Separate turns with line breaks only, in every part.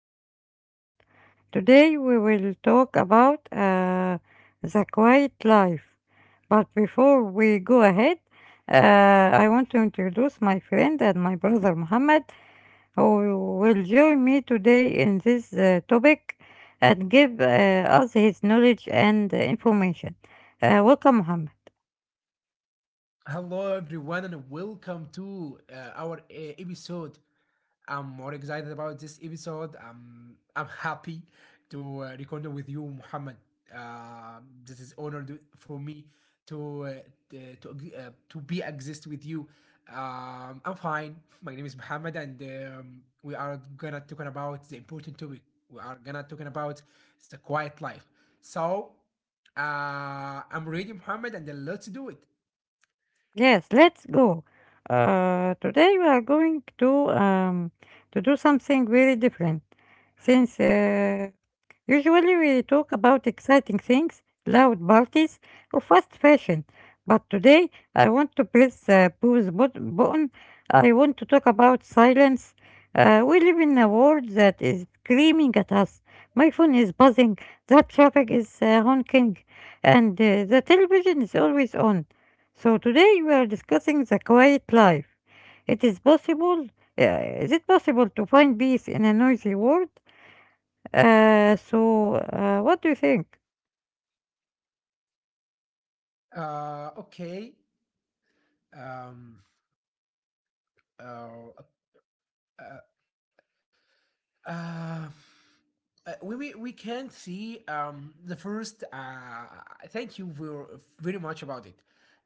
new episode. Today, we will talk about the quiet life. But before we go ahead, I want to introduce my friend and my brother Muhammad, who will join me today in this topic and give us his knowledge and information. Welcome, Muhammad.
Hello, everyone, and welcome to our episode. I'm more excited about this episode. I'm happy to record with you, Muhammad. Uh, this is honor for me to to be exist with you. I'm fine. My name is Muhammad, and we are gonna talking about the important topic. We are gonna talking about the quiet life. So I'm ready, Muhammad, and then let's do it.
Yes, let's go. Today we are going to do something very different since usually we talk about exciting things, loud parties, or fast fashion. But today I want to press the button. I want to talk about silence. We live in a world that is screaming at us. My phone is buzzing, the traffic is honking, and the television is always on. So today we are discussing the quiet life. It is possible. Uh, is it possible to find peace in a noisy world? What do you think?
Okay. Um, uh, uh, uh, we can see the first. Thank you very, very much about it.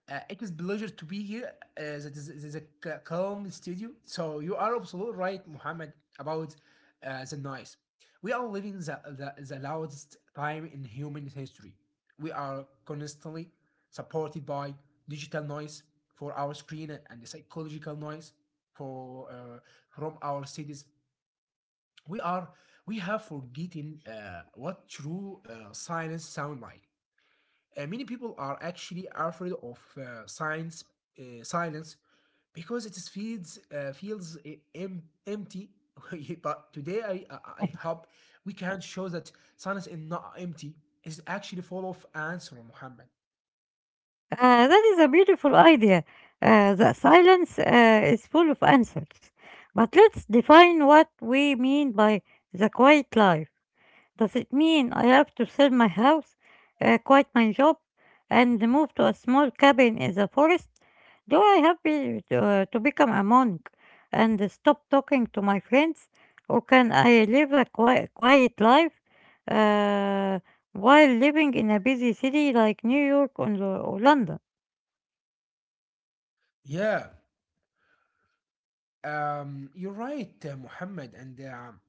It is pleasure to be here. Uh, it is a calm studio. So you are absolutely right, Muhammad, about the noise. We are living the loudest time in human history. We are constantly supported by digital noise for our screen and the psychological noise for from our cities we are we have forgotten what true science sound like. Many people are actually afraid of science silence because it is feels empty. But today I hope we can show that silence is not empty. It's actually full of answer, Muhammad.
That is a beautiful idea. The silence is full of answers. But let's define what we mean by the quiet life. Does it mean I have to sell my house, quit my job, and move to a small cabin in the forest? Do I have to become a monk and stop talking to my friends, or can I live a quiet life uh, while living in a busy city like New York or London?
Yeah, you're right, Muhammad, and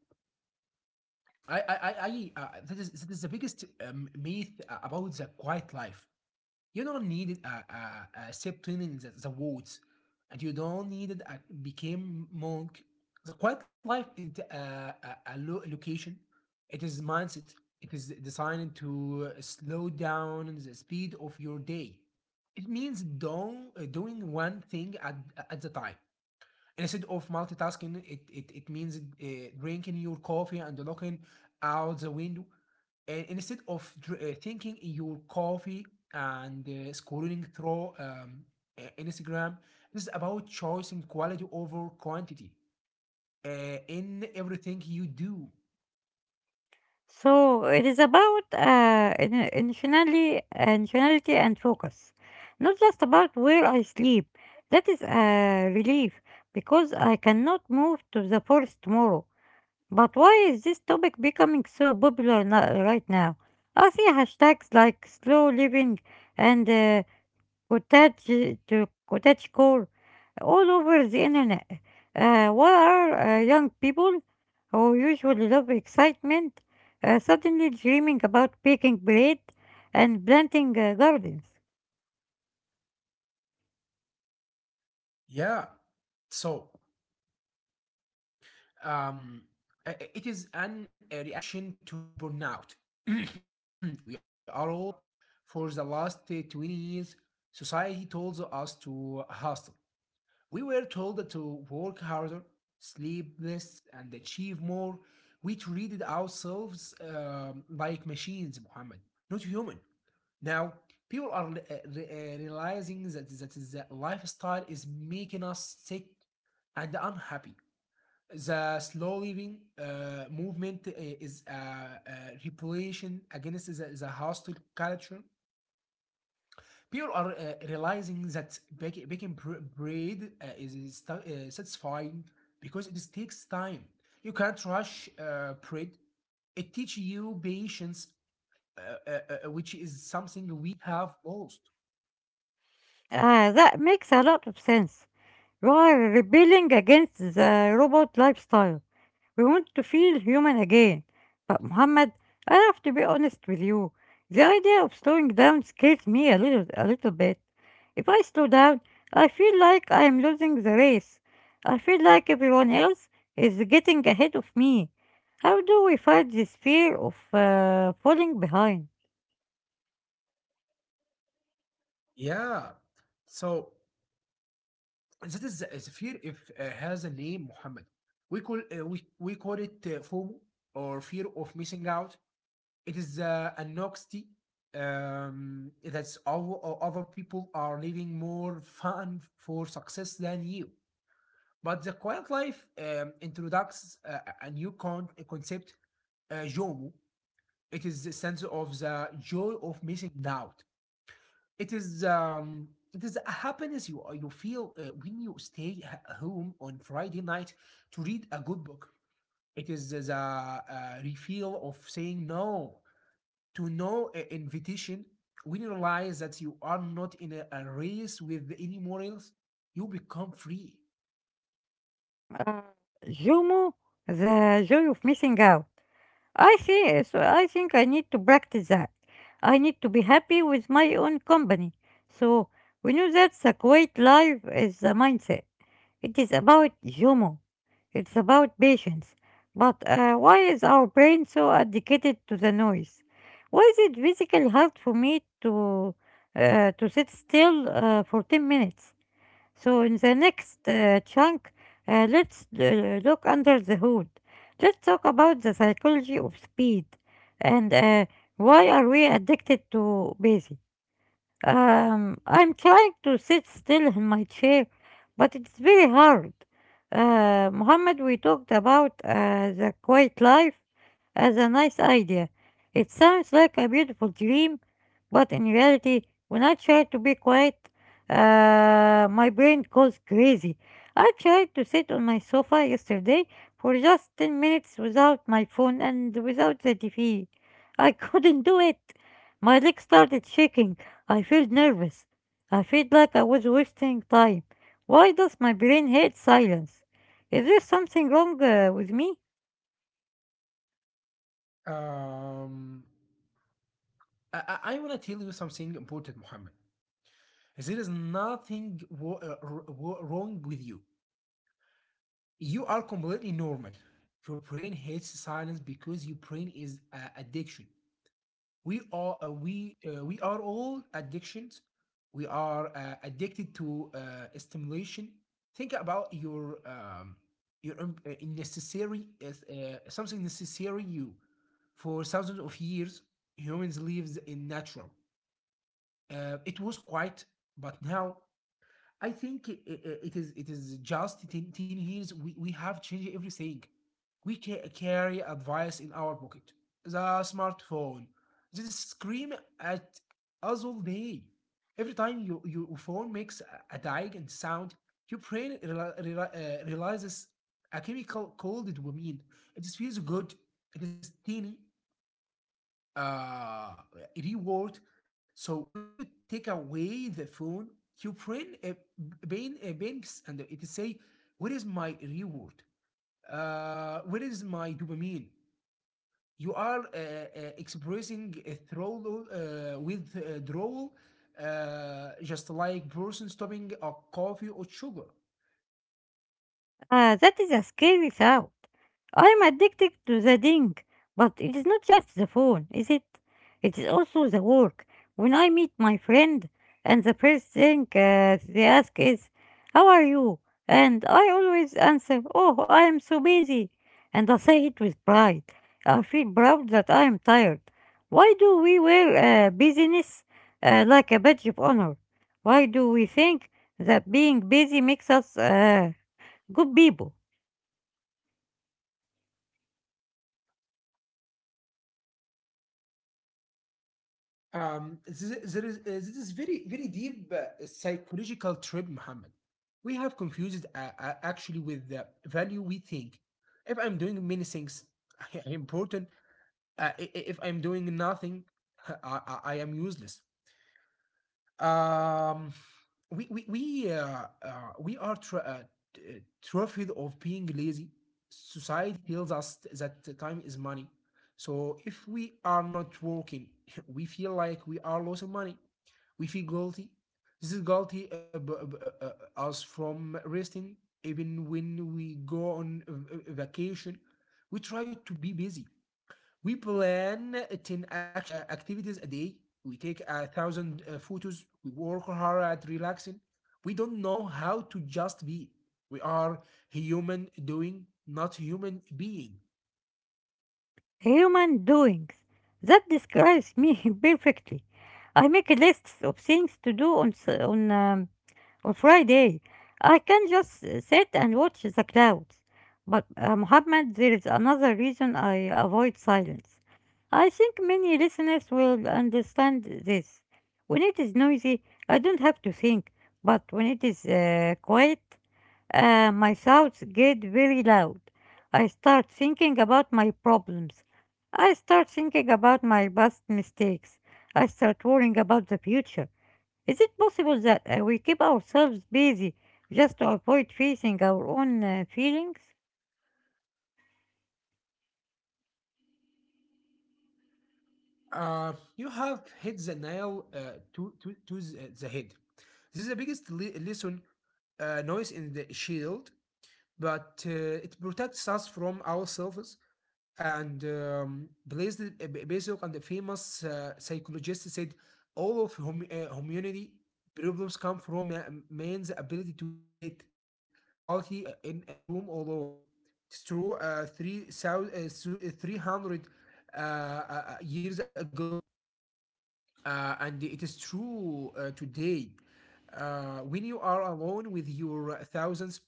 I that is the biggest myth about the quiet life. You don't need a step in the woods, and you don't need a became monk. The quiet life isn't a location; it is mindset. It is designed to slow down the speed of your day. It means doing one thing at the time instead of multitasking, it means drinking your coffee and looking out the window. And instead of thinking in your coffee and scrolling through Instagram, this is about choosing quality over quantity in everything you do.
So it is about intentionality and focus, not just about where I sleep. That is a relief because I cannot move to the forest tomorrow. But why is this topic becoming so popular right now? I see hashtags like slow living and Kotachi to Kotachi core all over the internet. What are young people who usually love excitement suddenly dreaming about baking bread and planting gardens?
Yeah. So um, it is an a reaction to burnout. We are all tired. For the last 20 years, society told us to hustle. We were told to work harder, sleep less, and achieve more. We treated ourselves like machines, Muhammad, not human. Now, people are realizing that the lifestyle is making us sick and unhappy. The slow living movement is a revolution against the hostile culture. People are realizing that baking bread is satisfying because it takes time. You can't rush bread. It teaches you patience, uh, uh, which is something we have lost.
That makes a lot of sense. You are rebelling against the robot lifestyle. We want to feel human again. But Muhammad, I have to be honest with you. The idea of slowing down scares me a little bit. If I slow down, I feel like I am losing the race. I feel like everyone else is getting ahead of me. How do we fight this fear of falling behind?
Yeah. So that is the fear if has a name, Muhammad. We call it FOMO or fear of missing out. It is a noxty that's all other people are living more fun for success than you. But the quiet life introduces a new concept, JOMO. It is the sense of the joy of missing out. It is a happiness you feel when you stay home on Friday night to read a good book. It is the refill of saying no to no invitation. When you realize that you are not in a race with any morals, you become free.
Uh, Jomo, the joy of missing out. I think I need to practice that. I need to be happy with my own company. So we know that the quiet life is the mindset. It is about humor. It's about patience. But why is our brain so addicted to the noise? Why is it physically hard for me to sit still for 10 minutes? So in the next chunk, let's look under the hood. Let's talk about the psychology of speed and why are we addicted to busy. I'm trying to sit still in my chair, but it's very hard. Mohammed, we talked about the quiet life as a nice idea. It sounds like a beautiful dream, but in reality, when I try to be quiet, my brain goes crazy. I tried to sit on my sofa yesterday for just 10 minutes without my phone and without the TV. I couldn't do it. My legs started shaking. I felt nervous. I felt like I was wasting time. Why does my brain hate silence? Is there something wrong with me?
Um, I want to tell you something important, Muhammad. There is nothing wrong with you. You are completely normal. Your brain hates silence because your brain is addiction. We are all addictions. We are addicted to stimulation. Think about your necessary something necessary you for thousands of years humans lives in natural. It was quiet, but now I think it is just 10, ten years we have changed everything. We carry advice in our pocket. The smartphone. They scream at us all day. Every time your phone makes a diagnostic sound, your brain realizes a chemical called dopamine. It feels good. It is teeny uh, reward. So when you take away the phone, you bring a banks and it say, "Where is my reward? Where is my dopamine?" You are expressing a throttle with drawl, just like person stopping a coffee or sugar.
Ah, that is a scary thought. I'm addicted to the ding, but it is not just the phone, is it? It is also the work. When I meet my friend, and the first thing they ask is, "How are you?" And I always answer, "Oh, I am so busy." And I say it with pride. I feel proud that I am tired. Why do we wear busyness like a badge of honor? Why do we think that being busy makes us good people,
There is, this is very, very deep psychological trip, Muhammad. We have confused actually with the value we think. If I'm doing many things, I am important, if I'm doing nothing, I am useless. Um, we are t- uh, terrified of being lazy. Society tells us that time is money. So if we are not working, we feel like we are losing money. We feel guilty. This is guilty us from resting. Even when we go on a vacation, we try to be busy. We plan 10 activities a day. We take a thousand photos. We work hard at relaxing. We don't know how to just be. We are human doing, not human being.
human doings. That describes me perfectly. I make lists of things to do on on Friday. I can just sit and watch the clouds. But Muhammad, there is another reason I avoid silence. I think many listeners will understand this. When it is noisy, I don't have to think. But when it is quiet, my thoughts get very loud. I start thinking about my problems. I start thinking about my past mistakes. I start worrying about the future. Is it possible that we keep ourselves busy just to avoid facing our own feelings?
You have hit the nail to the head. This is the biggest lesson noise in the shield, but it protects us from ourselves. And Bezos and the famous psychologist said all of humanity problems come from man's ability to sit quality in a room alone. It's true, 300 years ago, and it is true today. When you are alone with your thousands,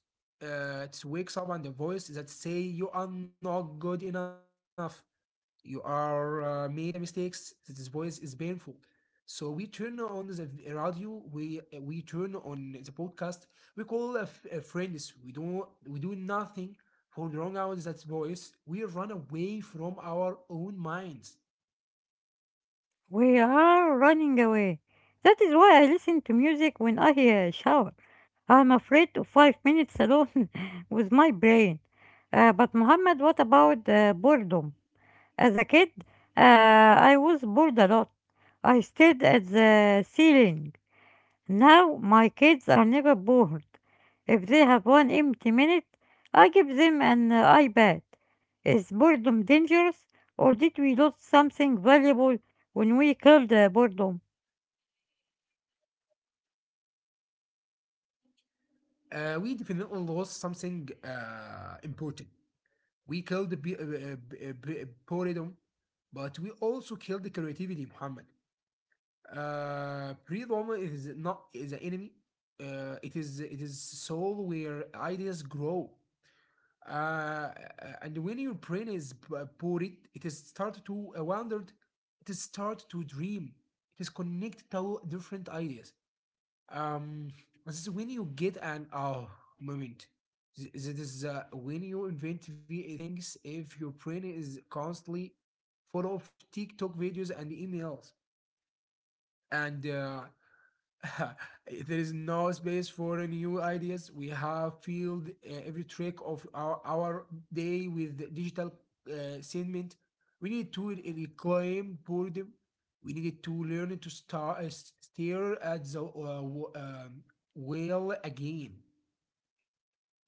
it wakes up and the voice that say you are not good enough. You are made a mistakes this voice is painful. So we turn on the radio, we turn on the podcast. We call a friends. We do nothing for the wrong hours that voice. We run away from our own minds.
We are running away. That is why I listen to music when I shower. I'm afraid of 5 minutes alone with my brain. But Muhammad, what about boredom? As a kid, I was bored a lot. I stared at the ceiling. Now my kids are never bored. If they have one empty minute, I give them an iPad. Is boredom dangerous, or did we lose something valuable when we killed boredom?
We definitely lost something important. We killed the boredom, but we also killed the creativity, Muhammad. Breed is not the enemy. It is soul where ideas grow. Uh, and when your brain is buried, it is start to wander. It is start to dream. It is connect to different ideas. Um, this is when you get an oh moment. This is when you invent things. If your brain is constantly full of TikTok videos and emails, and there is no space for new ideas. We have filled every track of our day with the digital segment. We need to reclaim boredom. We need to learn to stare at the whale again.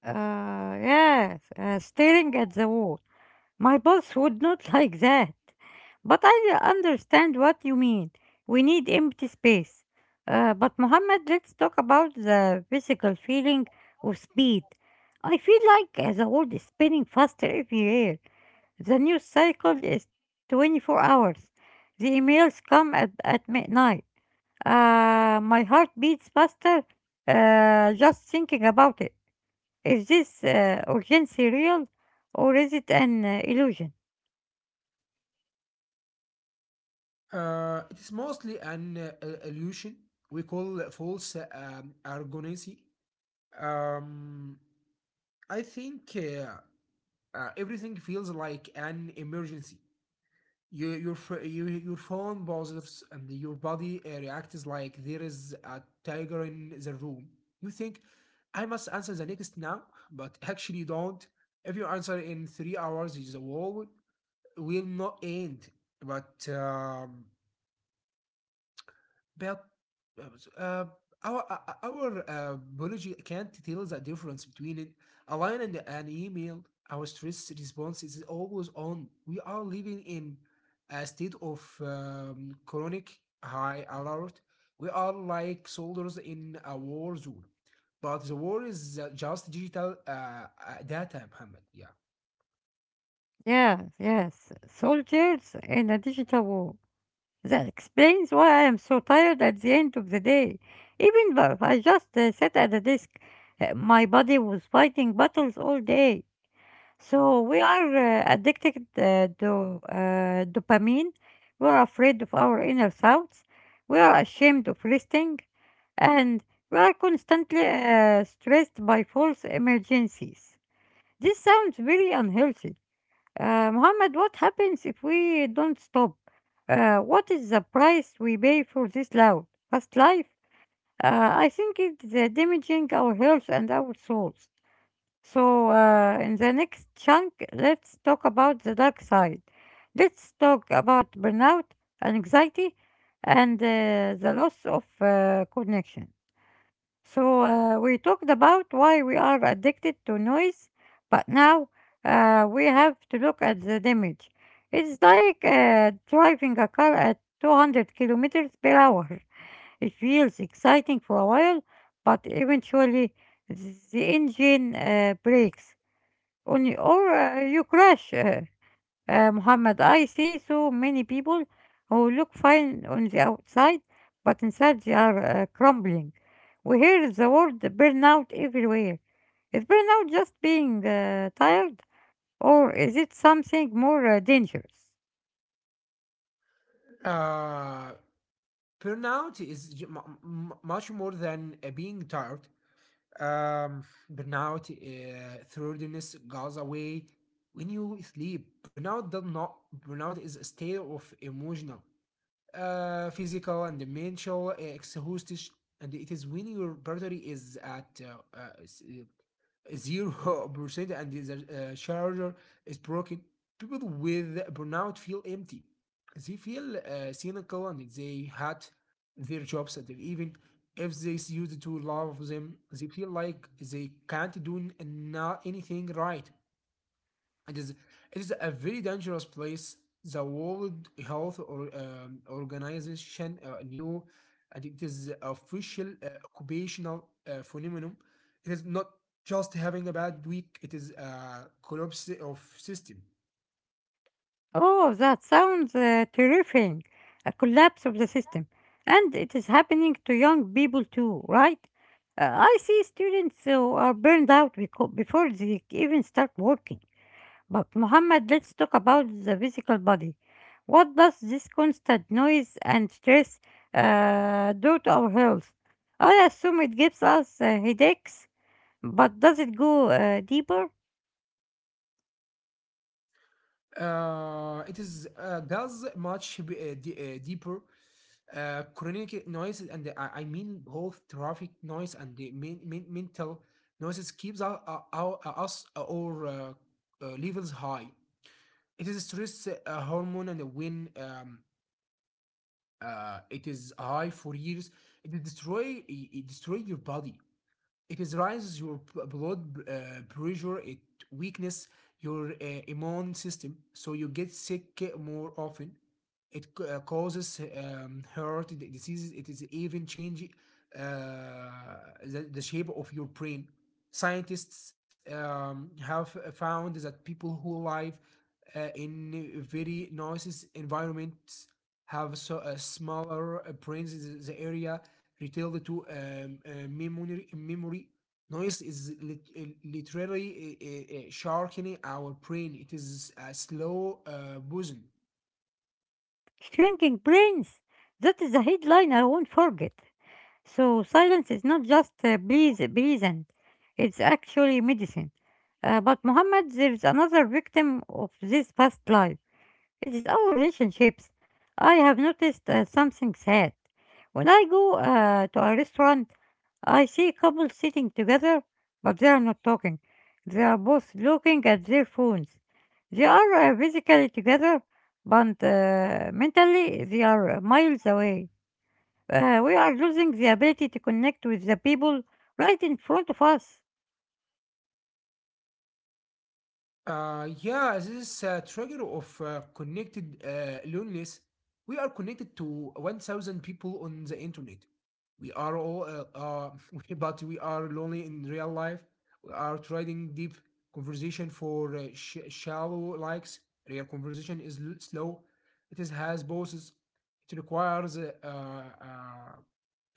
Yes, staring at the wall. My boss would not like that. But I understand what you mean. We need empty space. But Mohammed, let's talk about the physical feeling of speed. I feel like the world is spinning faster every year. The news cycle is 24 hours. The emails come at midnight. My heart beats faster just thinking about it. Is this urgency real or is it an illusion?
It is mostly an illusion we call false argonacy. Um, I think everything feels like an emergency. You, your phone pauses and your body reacts like there is a tiger in the room. You think, I must answer the next now, but actually you don't. If you answer in 3 hours, the war will not end. But um, but uh, our biology can't tell the difference between it. A line and an email. Our stress response is always on. We are living in a state of chronic high alert. We are like soldiers in a war zone. But the war is just digital data, Muhammad. Yeah.
Yes, yes. Soldiers in a digital war. That explains why I am so tired at the end of the day. Even though I just sat at a desk, my body was fighting battles all day. So we are addicted to dopamine. We are afraid of our inner thoughts. We are ashamed of resting. And we are constantly stressed by false emergencies. This sounds very unhealthy Muhammad, what happens if we don't stop? What is the price we pay for this loud, fast life? I think it's damaging our health and our souls. So, in the next chunk, let's talk about the dark side. Let's talk about burnout and anxiety and the loss of connection. So we talked about why we are addicted to noise, but now we have to look at the damage. It's like driving a car at 200 kilometers per hour. It feels exciting for a while, but eventually the engine breaks on or you crash. Muhammad, I see so many people who look fine on the outside, but inside they are crumbling. We hear the word burnout everywhere. Is burnout just being tired, or is it something more dangerous?
Uh, burnout is much more than being tired. Um, burnout thoroughness goes away when you sleep. Burnout does not. Burnout is a state of emotional, physical, and mental exhaustion, and it is when your battery is at 0% and the charger is broken. People with burnout feel empty. They feel cynical and they hate their jobs. And even if they used to love them, they feel like they can't do anything right. It is it is a very dangerous place. The World Health Organization knew, and it is official occupational phenomenon. It is not just having a bad week. It is a collapse of system.
Oh, that sounds terrifying. A collapse of the system. And it is happening to young people too, right? I see students who are burned out before they even start working. But, Muhammad, let's talk about the physical body. What does this constant noise and stress do to our health? I assume it gives us headaches, but does it go deeper?
It is does much deeper chronic noise and I mean both traffic noise and the mental noises keeps us or levels high. It is a stress hormone and when it is high for years, it destroy your body. It is rises your blood pressure, it weakens your immune system, so you get sick more often. It causes heart diseases. It is even changing uh, the shape of your brain. Scientists have found that people who live in very noisy environments have so, smaller brains. The area retailed to memory. Noise is literally sharpening our brain. It is a slow poison.
Shrinking brains? That is a headline I won't forget. So silence is not just pleasant, it's actually medicine. But Muhammad, there's another victim of this past life. It is our relationships. I have noticed something sad. When I go to a restaurant, I see couples sitting together, but they are not talking. They are both looking at their phones. They are physically together, but mentally they are miles away. We are losing the ability to connect with the people right in front of us.
Yeah, this trigger of connected loneliness. We are connected to 1,000 people on the internet. We are all, but we are lonely in real life. We are trading deep conversation for shallow likes. Real conversation is slow. It is has pauses. It requires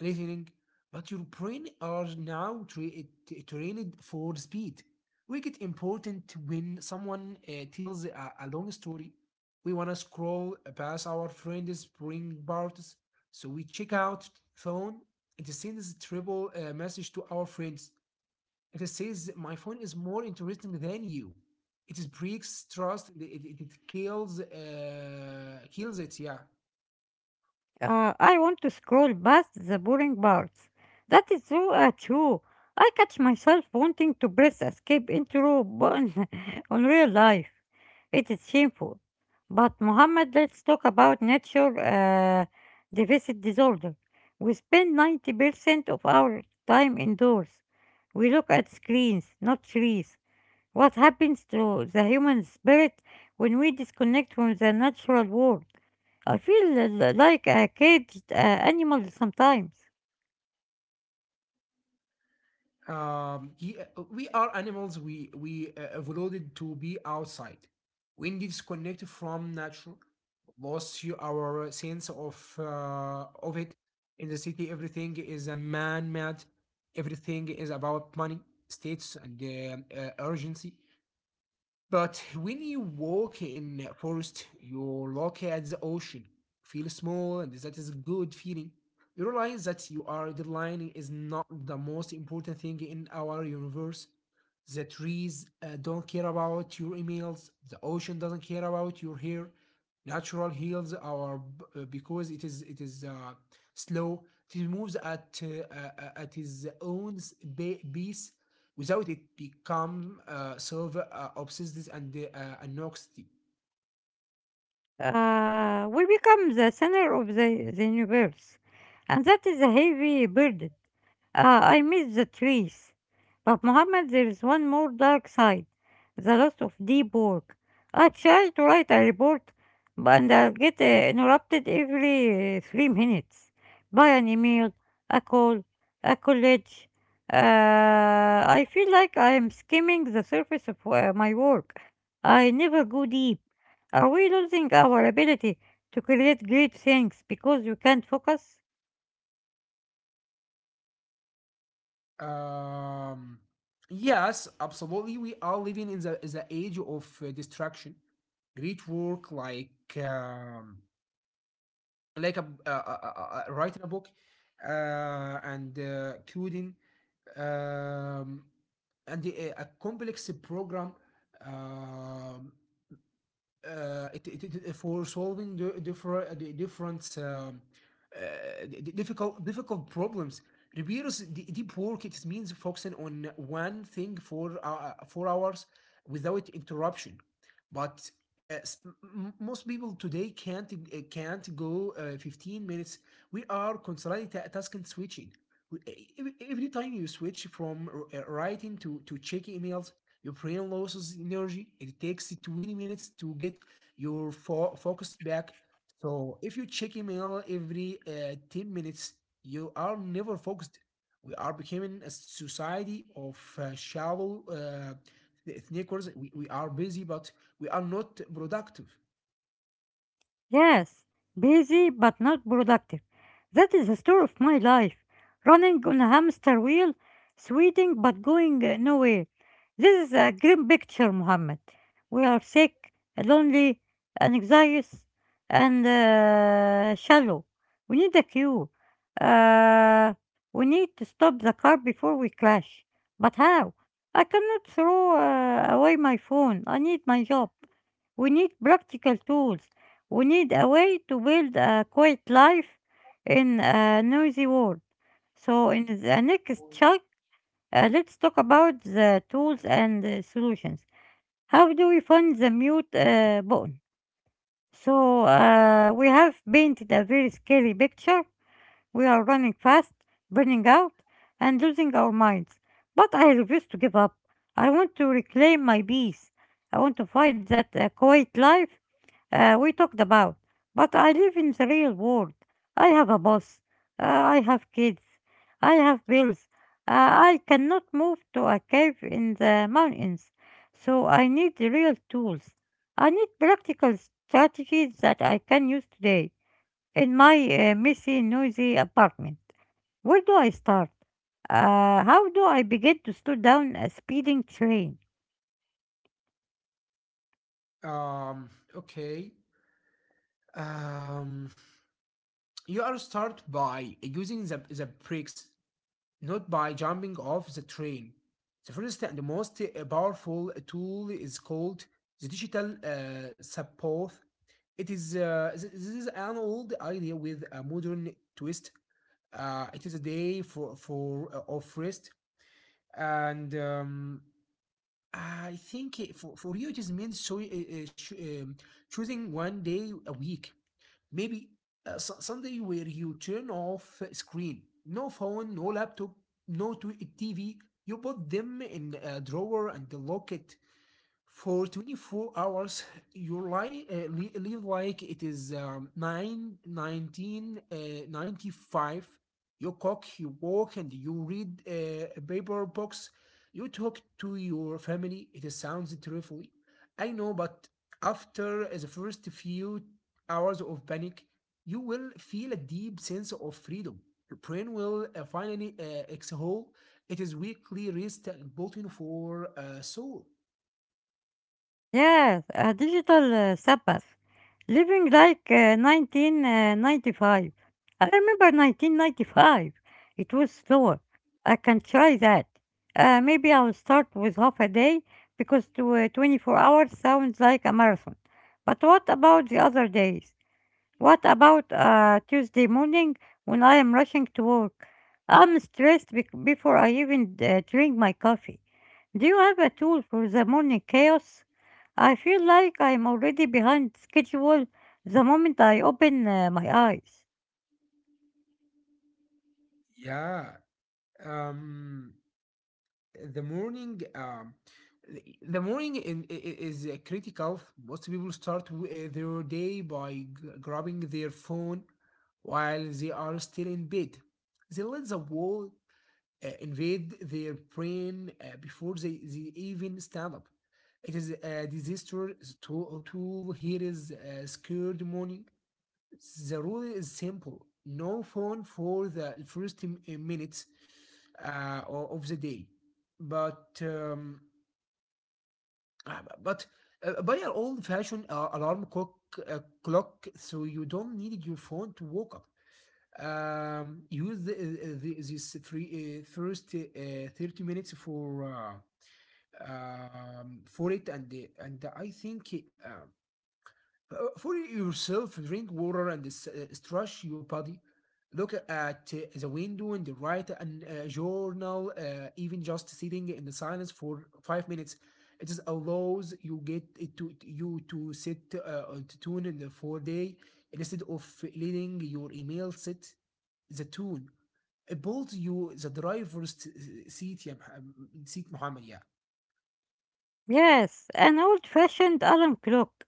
listening. But your brain are now trained for speed make it important when someone tells a long story. We want to scroll past our friend's bring parties, so we check out phone and it sends triple message to our friends. It says, "My phone is more interesting than you." It breaks trust. It kills it. Yeah.
I want to scroll past the boring parts. That is so true. I catch myself wanting to press escape intro button on real life. It is shameful. But Mohammed, let's talk about nature deficit disorder. We spend 90% of our time indoors. We look at screens, not trees. What happens to the human spirit when we disconnect from the natural world? I feel like a caged animal sometimes.
We are animals. We evolved to be outside. When disconnected from nature, lost you our sense of it. In the city, everything is a man-made. Everything is about money, states, and urgency. But when you walk in a forest, you look at the ocean, feel small, and that is a good feeling. You realize that you are deadlining is not the most important thing in our universe. The trees don't care about your emails. The ocean doesn't care about your hair. Natural heals our because it is slow. It moves at its own pace without it become sort of obsessed and anxiety.
We become the center of the universe, and that is a heavy burden. I miss the trees. But Mohammed, there is one more dark side the loss of deep work. I try to write a report, but and I get interrupted every 3 minutes by an email, a call, a college. Uh, I feel like I am skimming the surface of my work. I never go deep. Are we losing our ability to create great things because we can't focus?
Um, yes, absolutely. We are living in the age of distraction. Great work, like a writing a book, uh, and coding, um, and a complex program, um, for solving the different difficult problems. Ribeiro's deep work it means focusing on one thing for 4 hours without interruption. But most people today can't go 15 minutes. We are constantly task and switching. Every time you switch from writing to checking emails, your brain loses energy. It takes 20 minutes to get your focus back. So if you check email every 10 minutes, you are never focused. We are becoming a society of shallow thinkers. We are busy, but we are not productive.
Yes, busy but not productive. That is the story of my life. Running on a hamster wheel, sweating but going nowhere. This is a grim picture, Mohammed. We are sick, lonely, anxious, and shallow. We need a cure. Uh, we need to stop the car before we crash. But how? I cannot throw away my phone. I need my job. We need practical tools. We need a way to build a quiet life in a noisy world. So, in the next chunk, let's talk about the tools and the solutions. How do we find the mute button? So, we have painted a very scary picture. We are running fast, burning out, and losing our minds. But I refuse to give up. I want to reclaim my peace. I want to fight that quiet life we talked about. But I live in the real world. I have a boss. I have kids. I have bills. I cannot move to a cave in the mountains. So I need real tools. I need practical strategies that I can use today in my messy, noisy apartment. Where do I start? How do I begin to slow down a speeding train?
Um, okay. Um, you are start by using the breaks, not by jumping off the train. The first and most powerful tool is called the digital support. It is This is an old idea with a modern twist. It is a day for of rest and, I think for you, it just means choosing one day a week. Maybe Sunday, where you turn off screen. No phone, no laptop, no TV. You put them in a drawer and lock it for 24 hours. Your life live like it is 9 19, 95. You cook, you walk, and you read a paper books. You talk to your family. It sounds terribly, I know, but after the first few hours of panic, you will feel a deep sense of freedom. Your brain will finally exhale. It is weekly rest and bulletin for soul.
Yes, a digital Sabbath. Living like 1995. I remember 1995. It was slower. I can try that. Maybe I'll start with half a day because 24 hours sounds like a marathon. But what about the other days? What about Tuesday morning when I am rushing to work? I'm stressed bec before I even drink my coffee. Do you have a tool for the morning chaos? I feel like I'm already behind schedule the moment I open my eyes.
Yeah, um, the morning, the morning is critical. Most people start their day by grabbing their phone while they are still in bed. They let the world invade their brain before they even stand up. It is a disaster tool. Here is a scared morning. The rule is simple: no phone for the first minutes uh, of the day. But um, but buy an old-fashioned alarm clock, so you don't need your phone to wake up. Use this three first 30 minutes for it, and and I think, uh, for yourself, drink water and stretch your body. Look at the window and write a journal, even just sitting in the silence for 5 minutes. It just allows you get it to you to sit on the tune in the 4 day, instead of letting your email sit the tune. It builds you the driver's seat, yeah, seat, Muhammad. Yeah.
Yes, an old fashioned alarm clock.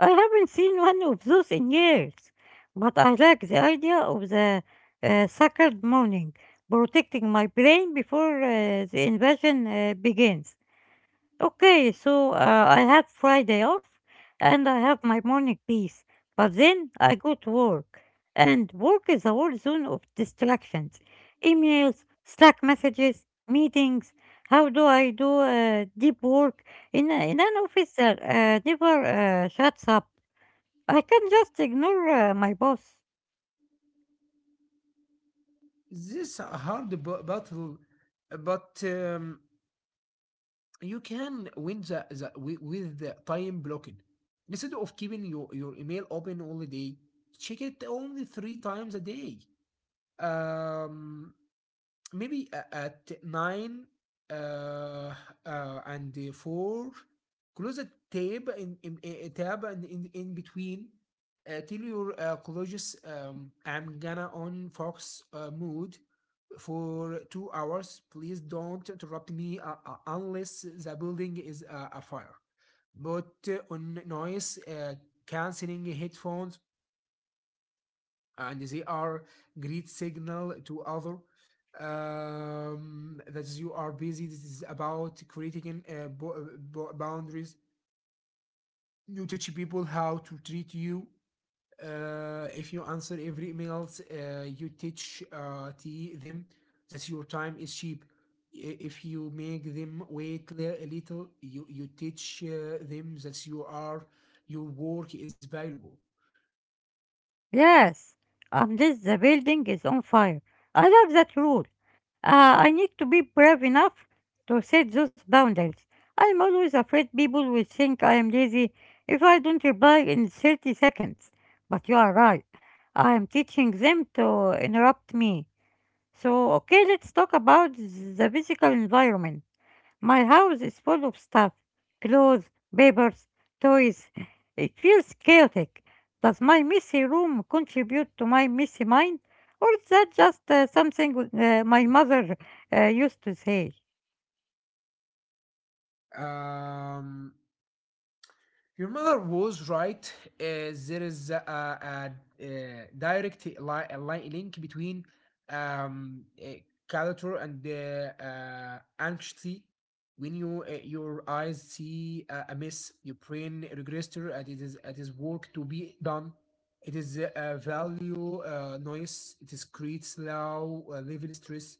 I haven't seen one of those in years, but I like the idea of the sacred morning protecting my brain before the invasion begins. Okay, so I have Friday off and I have my morning peace, but then I go to work. And work is a war zone of distractions emails, Slack messages, meetings. How do I do deep work in an office that never shuts up? I can just ignore my boss.
This a hard battle, but you can win with the time blocking. Instead of keeping your email open all the day, check it only three times a day. Um, Maybe at nine uh, and four, close a tab in a tab and in between. Tell your colleagues, I'm gonna on Fox mood for 2 hours. Please don't interrupt me unless the building is a fire. But on noise canceling headphones, and they are great signal to other, that you are busy. This is about creating boundaries. You teach people how to treat you. If you answer every emails, you teach them that your time is cheap. If you make them wait a little, you teach them that you are your work is valuable.
Yes, unless the building is on fire. I love that rule. I need to be brave enough to set those boundaries. I'm always afraid people will think I am lazy if I don't reply in 30 seconds. But you are right. I am teaching them to interrupt me. So, okay, let's talk about the physical environment. My house is full of stuff clothes, papers, toys. It feels chaotic. Does my messy room contribute to my messy mind? Or is that just something my mother used to say?
Um, Your mother was right. There is a direct link between um, uh, culture and anxiety. When your eyes see a mess, your brain register and it is work to be done. It is a value noise. It is creates low level stress.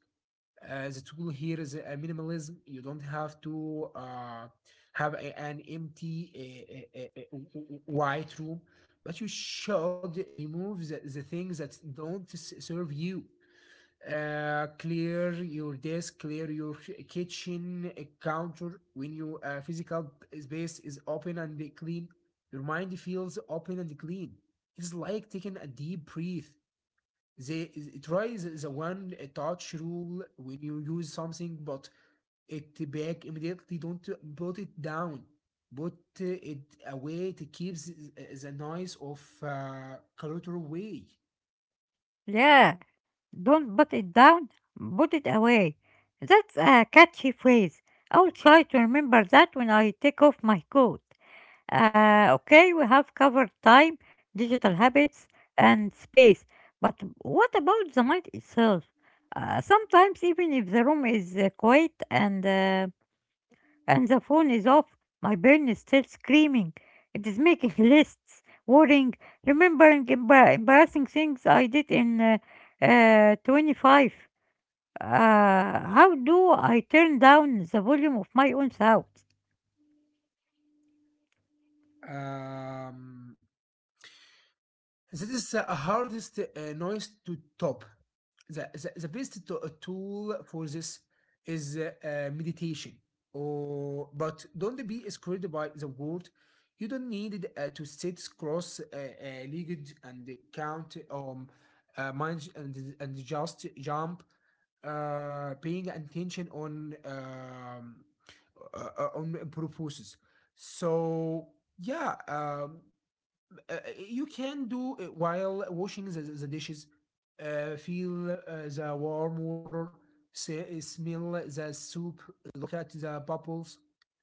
The tool here is a minimalism. You don't have to have an empty a white room, but you should remove the things that don't serve you. Clear your desk, clear your kitchen counter. When your physical space is open and clean, your mind feels open and clean. It's like taking a deep breath. They try the one touch rule: when you use something, but it back immediately. Don't put it down. Put it away. It keeps the noise of clutter away.
Yeah, don't put it down, put it away. That's a catchy phrase. I'll try to remember that when I take off my coat. Okay, we have covered time, digital habits, and space. But what about the night itself? Sometimes, even if the room is quiet and the phone is off, my brain is still screaming. It is making lists, worrying, remembering embarrassing things I did in 25. Uh, how do I turn down the volume of my own sound?
Um, this is the hardest noise to top. The best tool for this is meditation. Or, but don't be scared by the word. You don't need to sit cross legged and count mind and just jump, paying attention on purposes. So yeah, uh, uh, you can do it while washing the dishes. Feel the warm water, smell the soup, look at the bubbles.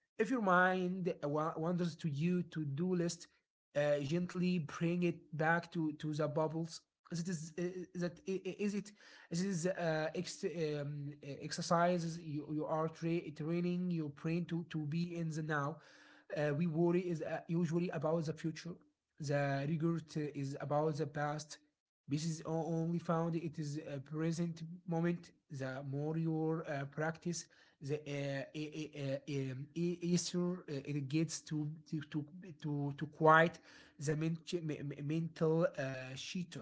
If your mind wanders to you to do list, gently bring it back to the bubbles. As it is, that is it. This is exercises, you are training your brain to be in the now. We worry is usually about the future. The regret is about the past. This is only found it is a present moment. The more your practice, the issue it gets to quiet the mental cheater.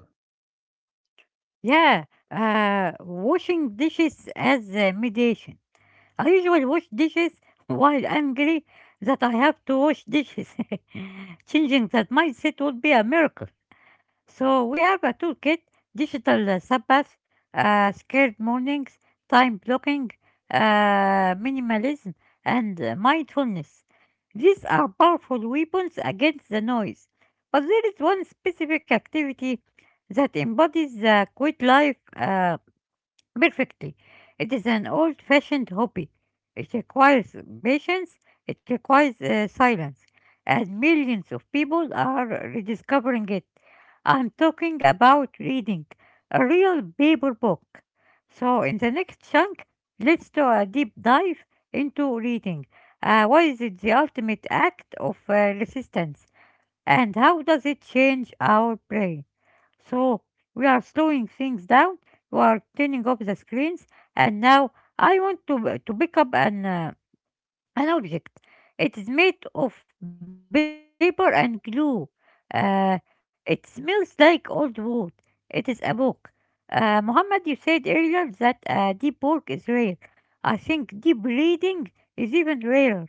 Yeah, washing dishes as a mediation. I usually wash dishes while angry that I have to wash dishes. Changing that mindset would be a miracle. So we have a toolkit, digital Sabbath, scared mornings, time blocking, minimalism, and mindfulness. These are powerful weapons against the noise. But there is one specific activity that embodies the quit life perfectly. It is an old fashioned hobby. It requires patience, it requires silence, and millions of people are rediscovering it. I'm talking about reading a real paper book. So, in the next chunk, let's do a deep dive into reading. What is it the ultimate act of resistance, and how does it change our brain? So we are slowing things down. We are turning off the screens, and now I want to pick up an object. It is made of paper and glue. Uh, it smells like old wood. It is a book. Muhammad, you said earlier that deep work is rare. I think deep reading is even rarer.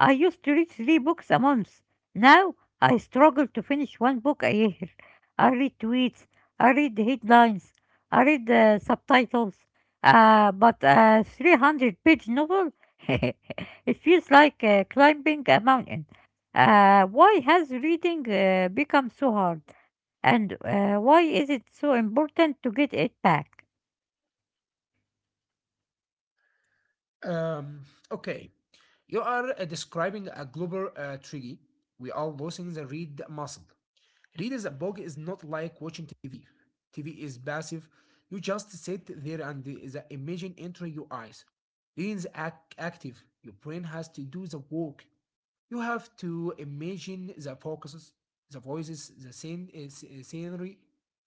I used to read three books a month. Now I struggle to finish one book a year. I read tweets, I read headlines, I read subtitles, but a 300-page novel? It feels like climbing a mountain. Why has reading become so hard? And why is it so important to get it back?
Um, okay, you are describing a global trigger. We are losing the read muscle. Read as a book is not like watching TV. TV is passive. You just sit there and the image enters your eyes. Reading is active. Your brain has to do the work. You have to imagine the focuses, the voices, the scenery.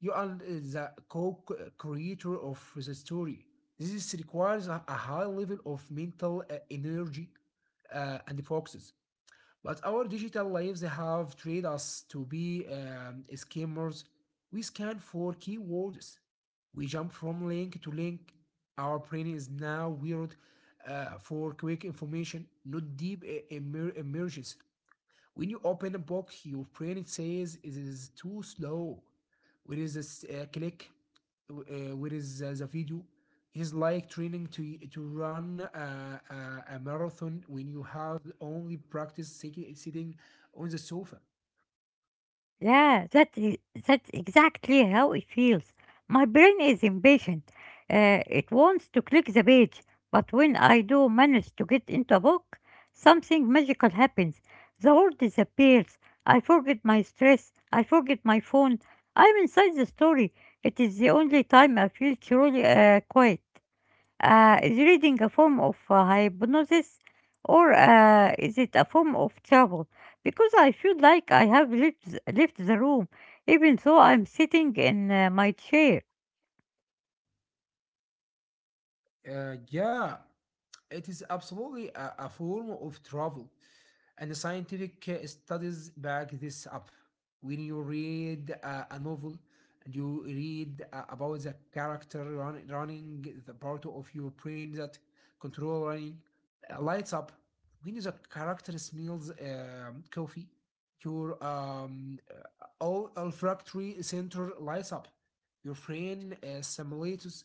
You are the co-creator of the story. This requires a high level of mental energy and focuses. But our digital lives have trained us to be scammers. We scan for keywords. We jump from link to link. Our brain is now wired for quick information, not deep emergence. When you open a book, your brain says it is too slow. Where is this click? Where is the video? It is like training to run a marathon when you have only practiced sitting on the sofa.
Yeah, that's exactly how it feels. My brain is impatient. It wants to click the page, but when I do manage to get into a book, something magical happens. The world disappears. I forget my stress. I forget my phone. I'm inside the story. It is the only time I feel truly quiet. Is reading a form of hypnosis or is it a form of travel? Because I feel like I have left the room, even though I'm sitting in my chair.
Yeah, it is absolutely a form of travel, and the scientific studies back this up. When you read a novel and you read about the character running, the part of your brain that control running lights up. When the character smells coffee, your all olfactory center lights up. Your brain simulates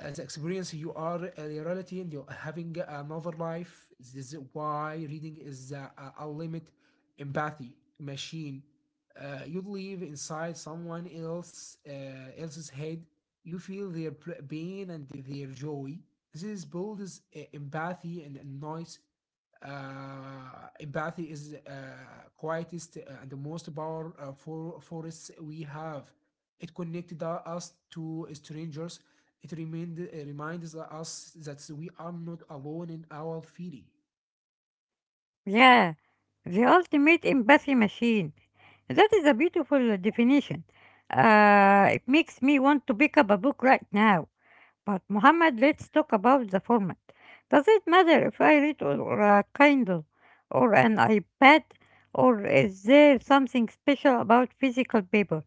the experience. You are a reality and you're having another life. This is why reading is a limit empathy machine. You live inside someone else's head. You feel their pain and their joy. This is built as empathy and noise. Empathy is quietest and the most powerful force we have. It connected us to strangers. It reminds us that we are not alone in our feeling.
Yeah, the ultimate empathy machine. That is a beautiful definition. It makes me want to pick up a book right now. But Muhammad, let's talk about the format. Does it matter if I read or a Kindle or an iPad, or is there something special about physical paper?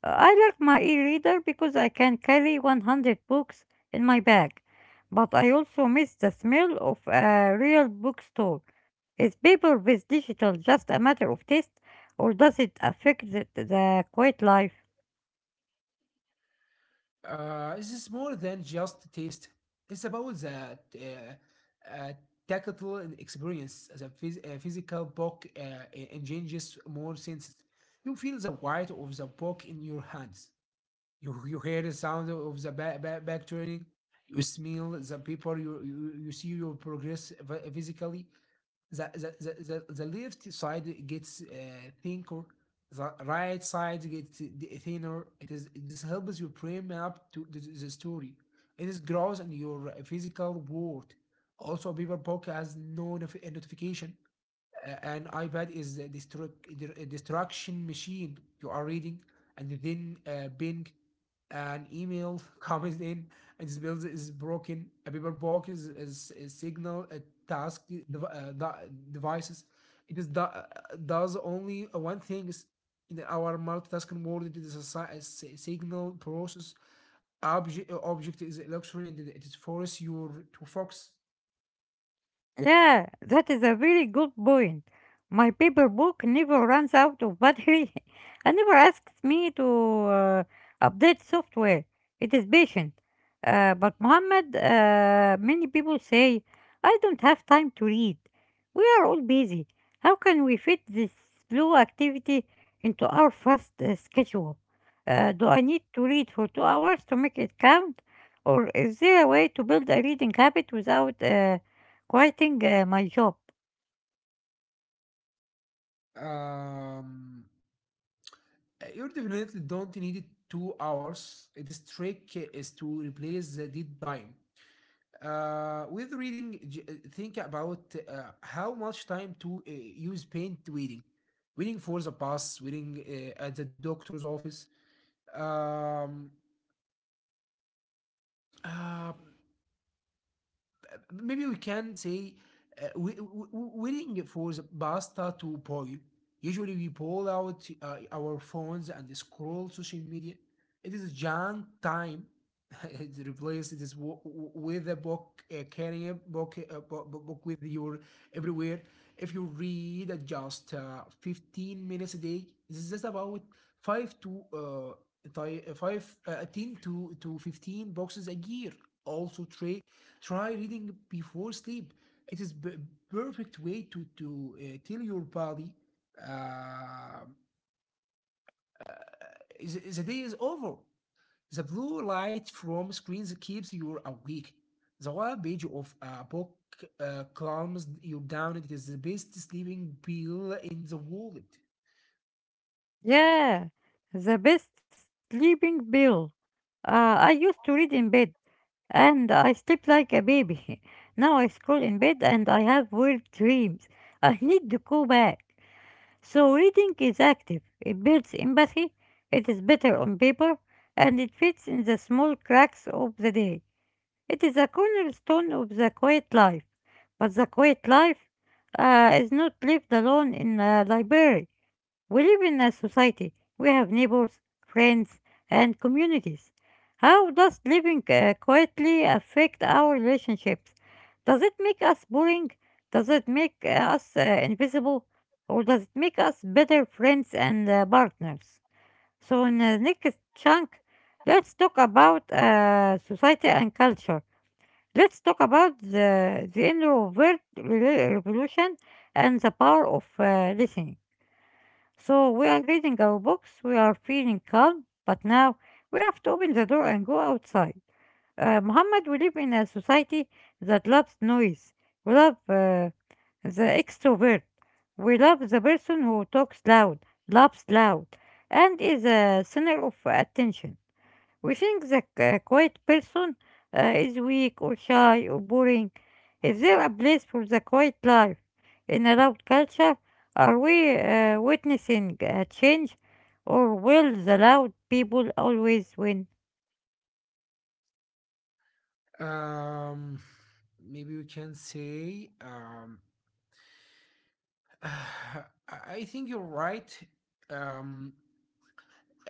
I like my e-reader because I can carry 100 books in my bag, but I also miss the smell of a real bookstore. Is paper with digital just a matter of taste, or does it affect the quiet life?
This is more than just taste. It's about that tactile experience. The physical book engages more senses. You feel the weight of the book in your hands. You hear the sound of the back turning. You smell the paper. You see your progress physically. The left side gets thinner, the right side gets thinner. It is this helps you brain up to the story. It is grows in your physical world. Also people has no notification. An iPad is a destruction machine. You are reading, and then Bing, an email comes in, and this build is broken. A paper box is signal a task devices. It does only one thing. Is in our multitasking world, it is a signal process. Object object is a luxury, and it is force you to focus.
Yeah, that is a very good point. My paper book never runs out of battery and never asks me to update software. It is patient. But Muhammad, many people say, I don't have time to read. We are all busy. How can we fit this slow activity into our fast schedule? Do I need to read for 2 hours to make it count? Or is there a way to build a reading habit without quitting my job.
Um, You definitely don't need it 2 hours. This trick is to replace the dead time. With reading, think about how much time to you spend reading waiting for the bus, waiting at the doctor's office. Um, uh, Maybe we can say waiting for the pasta to boil. Usually we pull out our phones and scroll social media. It is a junk time. It replaces this with a book. Carrying a book with your everywhere. If you read at just 15 minutes a day, this is about 5 to uh, thi- 5 uh, 10 to 15 boxes a year. Also try reading before sleep. It is perfect way to tell your body uh, the day is over. The blue light from screens keeps you awake. The whole page of a book calms you down, and it is the best sleeping pill in the world.
Yeah, the best sleeping pill. I used to read in bed and I sleep like a baby. Now I scroll in bed and I have weird dreams. I need to go back. So reading is active. It builds empathy. It is better on paper and it fits in the small cracks of the day. It is a cornerstone of the quiet life. But the quiet life is not lived alone in a library. We live in a society. We have neighbors, friends, and communities. How does living quietly affect our relationships? Does it make us boring? Does it make us invisible? Or does it make us better friends and partners? So, in the next chunk, let's talk about society and culture. Let's talk about the introvert revolution and the power of listening. So we are reading our books, we are feeling calm, but now we have to open the door and go outside. Muhammad, we live in a society that loves noise. We love the extrovert. We love the person who talks loud, laughs loud, and is a center of attention. We think that a quiet person is weak or shy or boring. Is there a place for the quiet life in a loud culture? Are we witnessing a change or will the loud people always win?
Um, Maybe we can say, I think you're right. Um,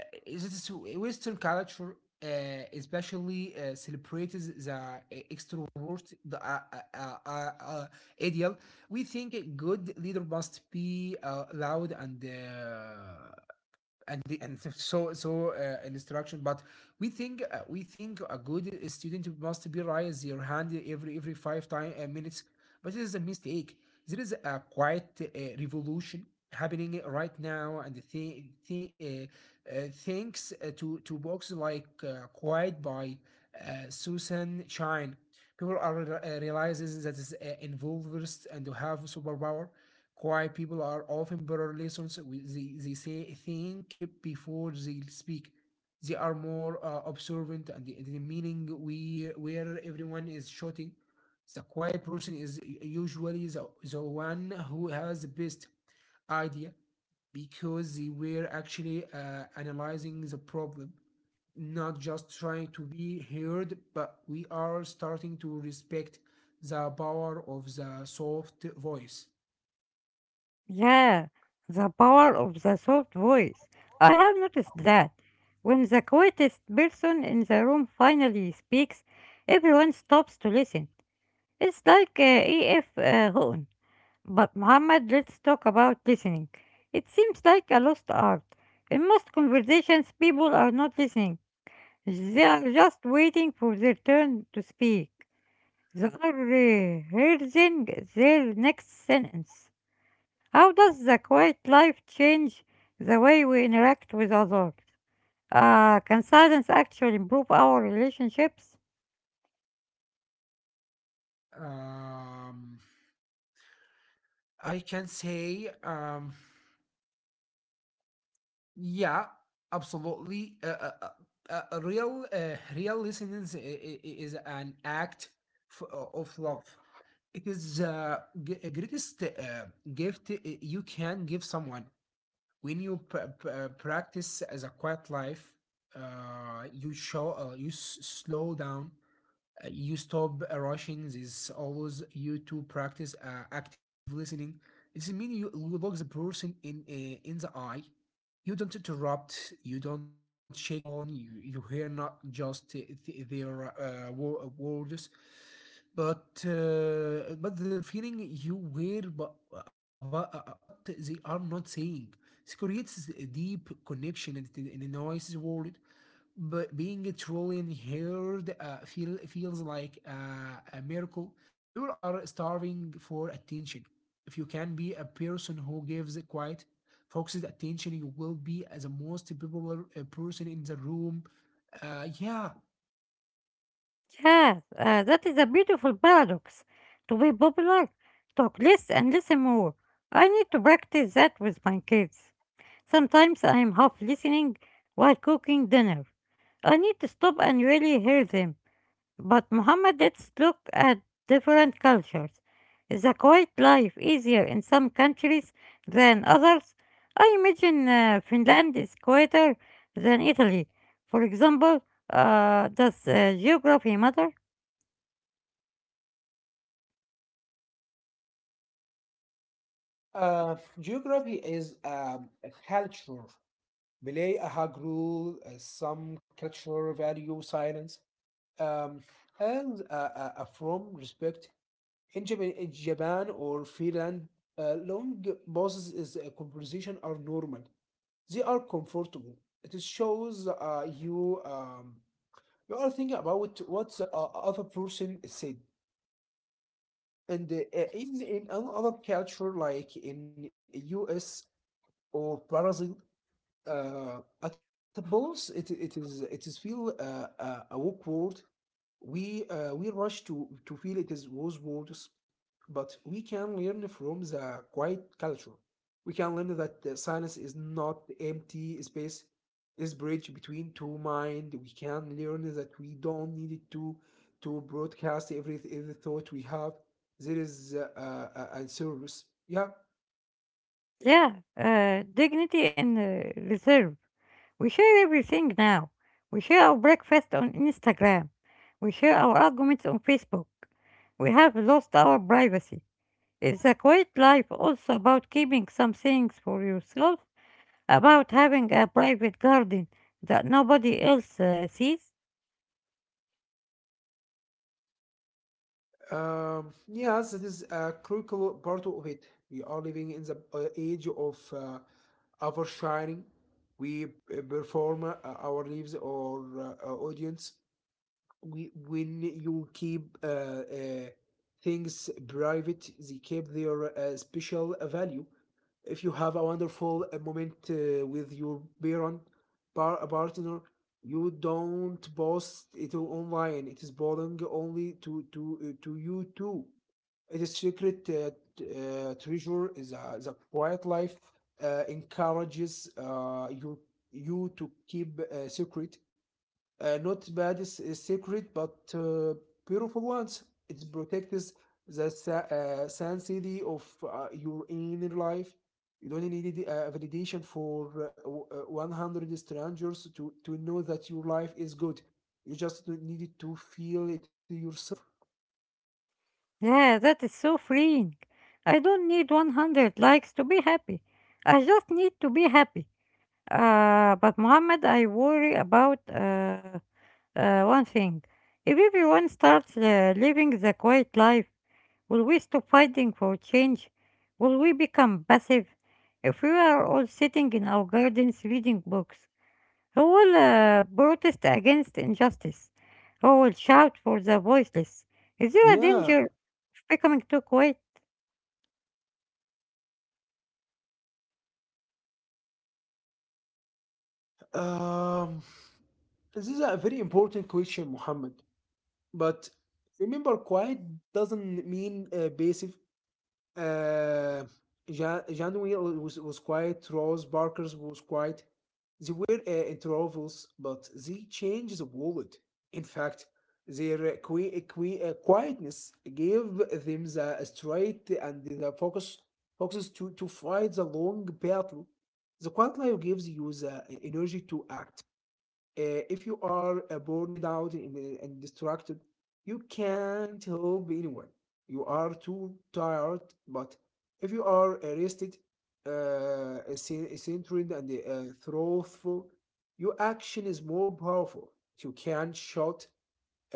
Is it Western culture uh, especially celebrates the extrovert, the uh, uh, uh, ideal. We think a good leader must be loud and and so instruction. But we think a good student must be raise your hand every five time minutes. But it is a mistake. There is a quiet revolution happening right now, and thanks to books like quiet by Susan Shine. People are realizes that is involvers and to have superpower. Quiet people are often better listeners. They say think before they speak. They are more observant and the meaning we where everyone is shouting. The quiet person is usually the one who has the best idea, because they were actually analyzing the problem, not just trying to be heard. But we are starting to respect the power of the soft voice.
Yeah, the power of the soft voice. I have noticed that. When the quietest person in the room finally speaks, everyone stops to listen. It's like E.F. Houghton. But Muhammad, let's talk about listening. It seems like a lost art. In most conversations, people are not listening. They are just waiting for their turn to speak. They are rehearsing their next sentence. How does the quiet life change the way we interact with others? Can silence actually improve our relationships?
Um, I can say, yeah, absolutely. Real listening is an act f- of love. It is the greatest gift you can give someone. When you practice as a quiet life, you slow down. You stop rushing. This is always you to practice active listening. It means you look the person in the eye. You don't interrupt. You don't check your phone. You hear not just words, but their feeling. You hear but about what they are not saying. This creates a deep connection in in the noisy world. But being truly heard feels like a miracle. People are starving for attention. If you can be a person who gives quiet, focuses attention, you will be as the most popular person in the room. Yeah.
Yes, that is a beautiful paradox. To be popular, talk less and listen more. I need to practice that with my kids. Sometimes I am half listening while cooking dinner. I need to stop and really hear them. But Muhammad, let's look at different cultures. Is a quiet life easier in some countries than others? I imagine Finland is quieter than Italy. For example, does geography matter?
Geography is a culture. Malay Ahag rule, some culture value silence, um, and from respect. In Japan or Finland, long pauses is a conversation are normal. They are comfortable. It shows you are thinking about what the other person said. And in another culture like in US or Brazil, at a pause it it is feel awkward. We rush to feel it is was worse, but we can learn from the quiet culture. We can learn that silence is not empty space, is bridge between two mind. We can learn that we don't need it to broadcast every thought we have. There is a service. Yeah.
Yeah, dignity and reserve. We share everything now. We share our breakfast on Instagram. We share our arguments on Facebook. We have lost our privacy. Is a quiet life also about keeping some things for yourself? About having a private garden that nobody else sees?
Yes, it is a critical part of it. We are living in the age of oversharing. We Perform our lives or our audience. When you keep things private, they keep their special value. If you have a wonderful moment with your partner, you don't post it online. It is belong only to to you too. It is secret treasure. Is a, the quiet life encourages you to keep secret, not bad is secret, but beautiful ones. It protects the sanctity of your inner life. You don't need validation for 100 strangers to know that your life is good. You just don't need to feel it yourself.
Yeah, that is so freeing. I don't need 100 likes to be happy. I just need to be happy. But Mohammed, I worry about one thing. If everyone starts living the quiet life, will we stop fighting for change? Will we become passive? If we are all sitting in our gardens reading books, who will protest against injustice? Who will shout for the voiceless? Is there a
Yeah.
danger of becoming too quiet?
Um, this is a very important question, Muhammad. But remember, quiet doesn't mean passive. Uh, Jan Janwy was quiet. Rose Barker's was quiet. They were in troubles, but they changed the world. In fact, their quietness gave them the strength and the focuses to fight the long battle. The quiet life gives you the energy to act. If you are burned out and distracted, you can't help anyone. You are too tired. But if you are rested, centered, and thoughtful, your action is more powerful. You can shout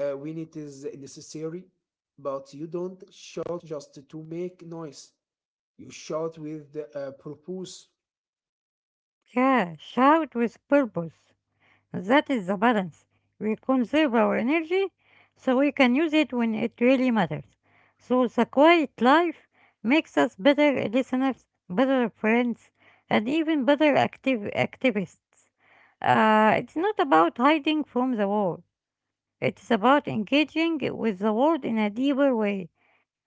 when it is necessary, but you don't shout just to make noise. You shout with purpose.
Yeah, shout with purpose. That is the balance. We conserve our energy so we can use it when it really matters. So the quiet life makes us better listeners, better friends, and even better active activists. It's not about hiding from the world. It's about engaging with the world in a deeper way.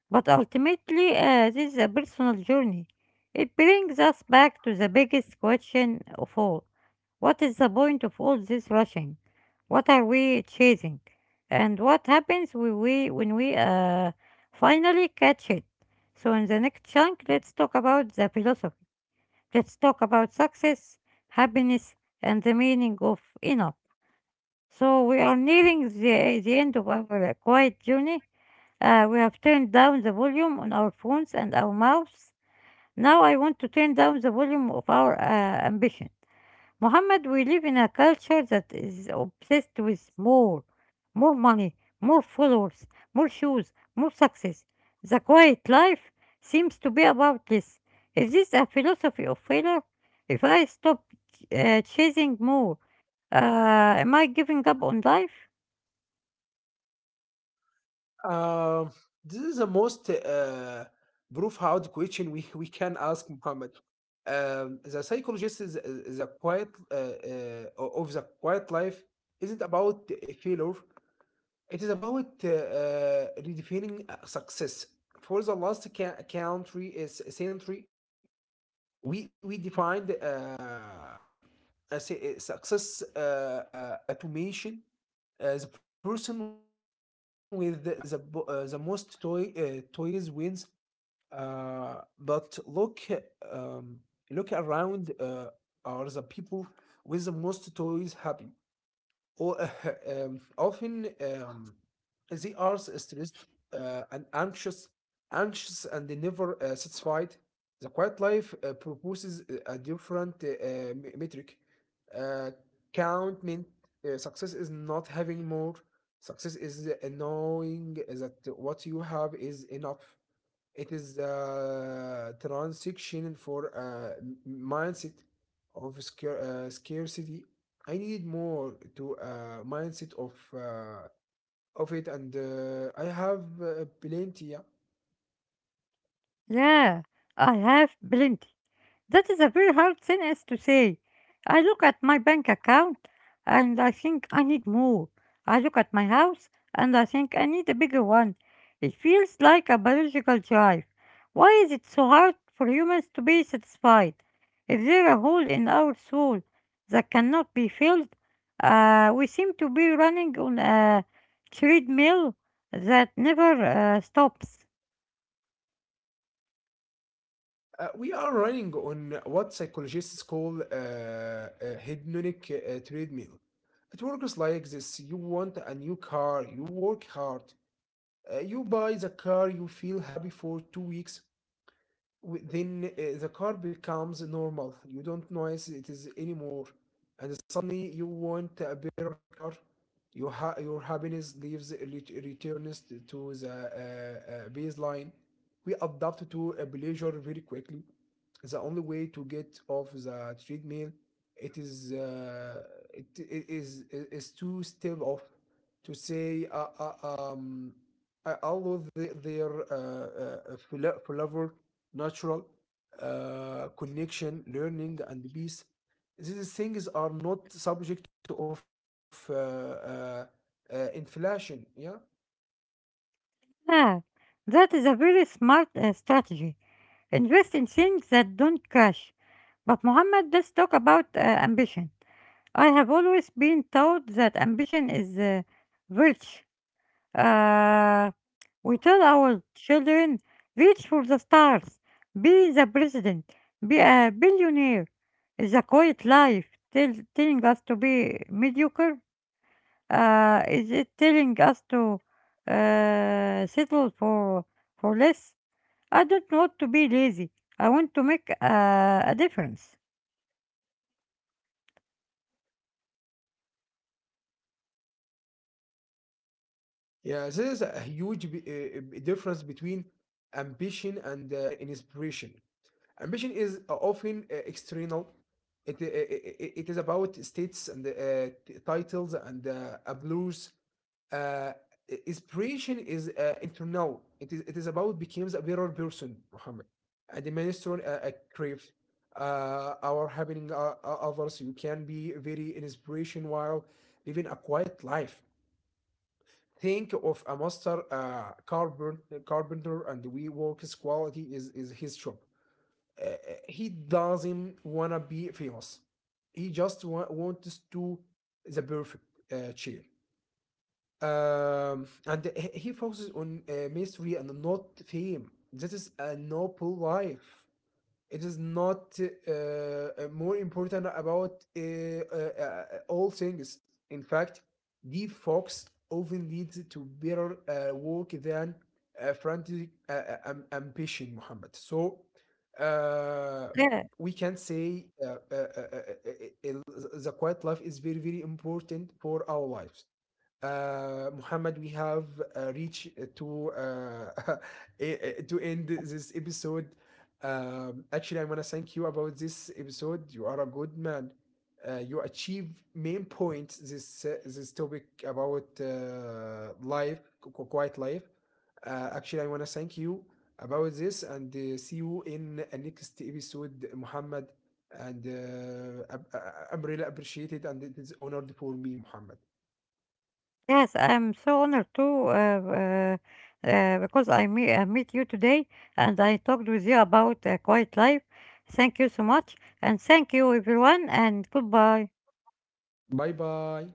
But ultimately, this is a personal journey. It brings us back to the biggest question of all. What is the point of all this rushing? What are we chasing? And what happens when we finally catch it? So, in the next chunk, let's talk about the philosophy. Let's talk about success, happiness, and the meaning of enough. So, we are nearing the end of our quiet journey. We have turned down the volume on our phones and our mouths. Now, I want to turn down the volume of our ambition. Mohammed, we live in a culture that is obsessed with more, more money, more followers, more shoes, more success. The quiet life seems to be about this. Is this a philosophy of failure? If I stop chasing more, am I giving up on life?
Um, this is the most proof hard question we can ask, Muhammad. The psychologist is a quiet of the quiet life isn't about a failure. It is about redefining success. For the last ca- country is century, we defined a success automation, the person with the, bo- the most toys wins. But look, um, look around. Are the people with the most toys happy? Or often they are stressed and anxious, anxious and they never satisfied. The quiet life proposes a different metric. Uh, Count meant success is not having more. Success is knowing that what you have is enough. It is a transition for a mindset of scarcity. I need more to a mindset of it, and I have plenty. Yeah.
Yeah, I have plenty. That is a very hard sentence to say. I look at my bank account and I think I need more. I look at my house and I think I need a bigger one. It feels like a biological drive. Why is it so hard for humans to be satisfied? Is there a hole in our soul that cannot be filled, we seem to be running on a treadmill that never stops.
We are running on what psychologists call a hedonic treadmill. It works like this: you want a new car, you work hard, you buy the car, you feel happy for 2 weeks, then the car becomes normal. You don't notice it is anymore, and suddenly you want a better car. Your happiness leaves returns to the baseline. We adapt to a pleasure very quickly. The only way to get off the treadmill, it is it, it is to step off, to say although they, they're fla- flavor natural connection, learning, and peace. These things are not subject of inflation. Yeah,
Ah, that is a very smart strategy. Invest in things that don't crash. But Mohammed, let's talk about ambition. I have always been taught that ambition is virtue. Uh, we tell our children, reach for the stars, be the president, be a billionaire. Is a quiet life telling us to be mediocre? Is it telling us to settle for less? I don't want to be lazy. I want to make a difference.
yeah. There is a huge difference between ambition and inspiration. Ambition is often external. It, I- It is about states and titles and applause. uh, Inspiration is internal. It is about becomes a better person, Muhammad, and the minister a crave our having others. You can be very inspiration while living a quiet life. Think of a master carbon carpenter, and we work his quality is his job. Uh, uh, he doesn't wanna be famous. He just wants to the perfect chair. And he focuses on mystery and not fame. That is a noble life. It is not more important about all things. In fact, the fox often leads to better work than frantic ambition, Muhammad. So, uh,
Yeah,
we can say the quiet life is very, very important for our lives. Muhammad, we have reached to to end this episode. Actually, I want to thank you about this episode. You are a good man. You achieve main points this this topic about quiet life. Actually, I want to thank you about this, and see you in a next episode, Muhammad. And I'm really appreciated and it is honored for me, Muhammad.
yes, I'm so honored too because I meet you today and I talked with you about quiet life. Thank you so much and thank you everyone and goodbye.
Bye bye.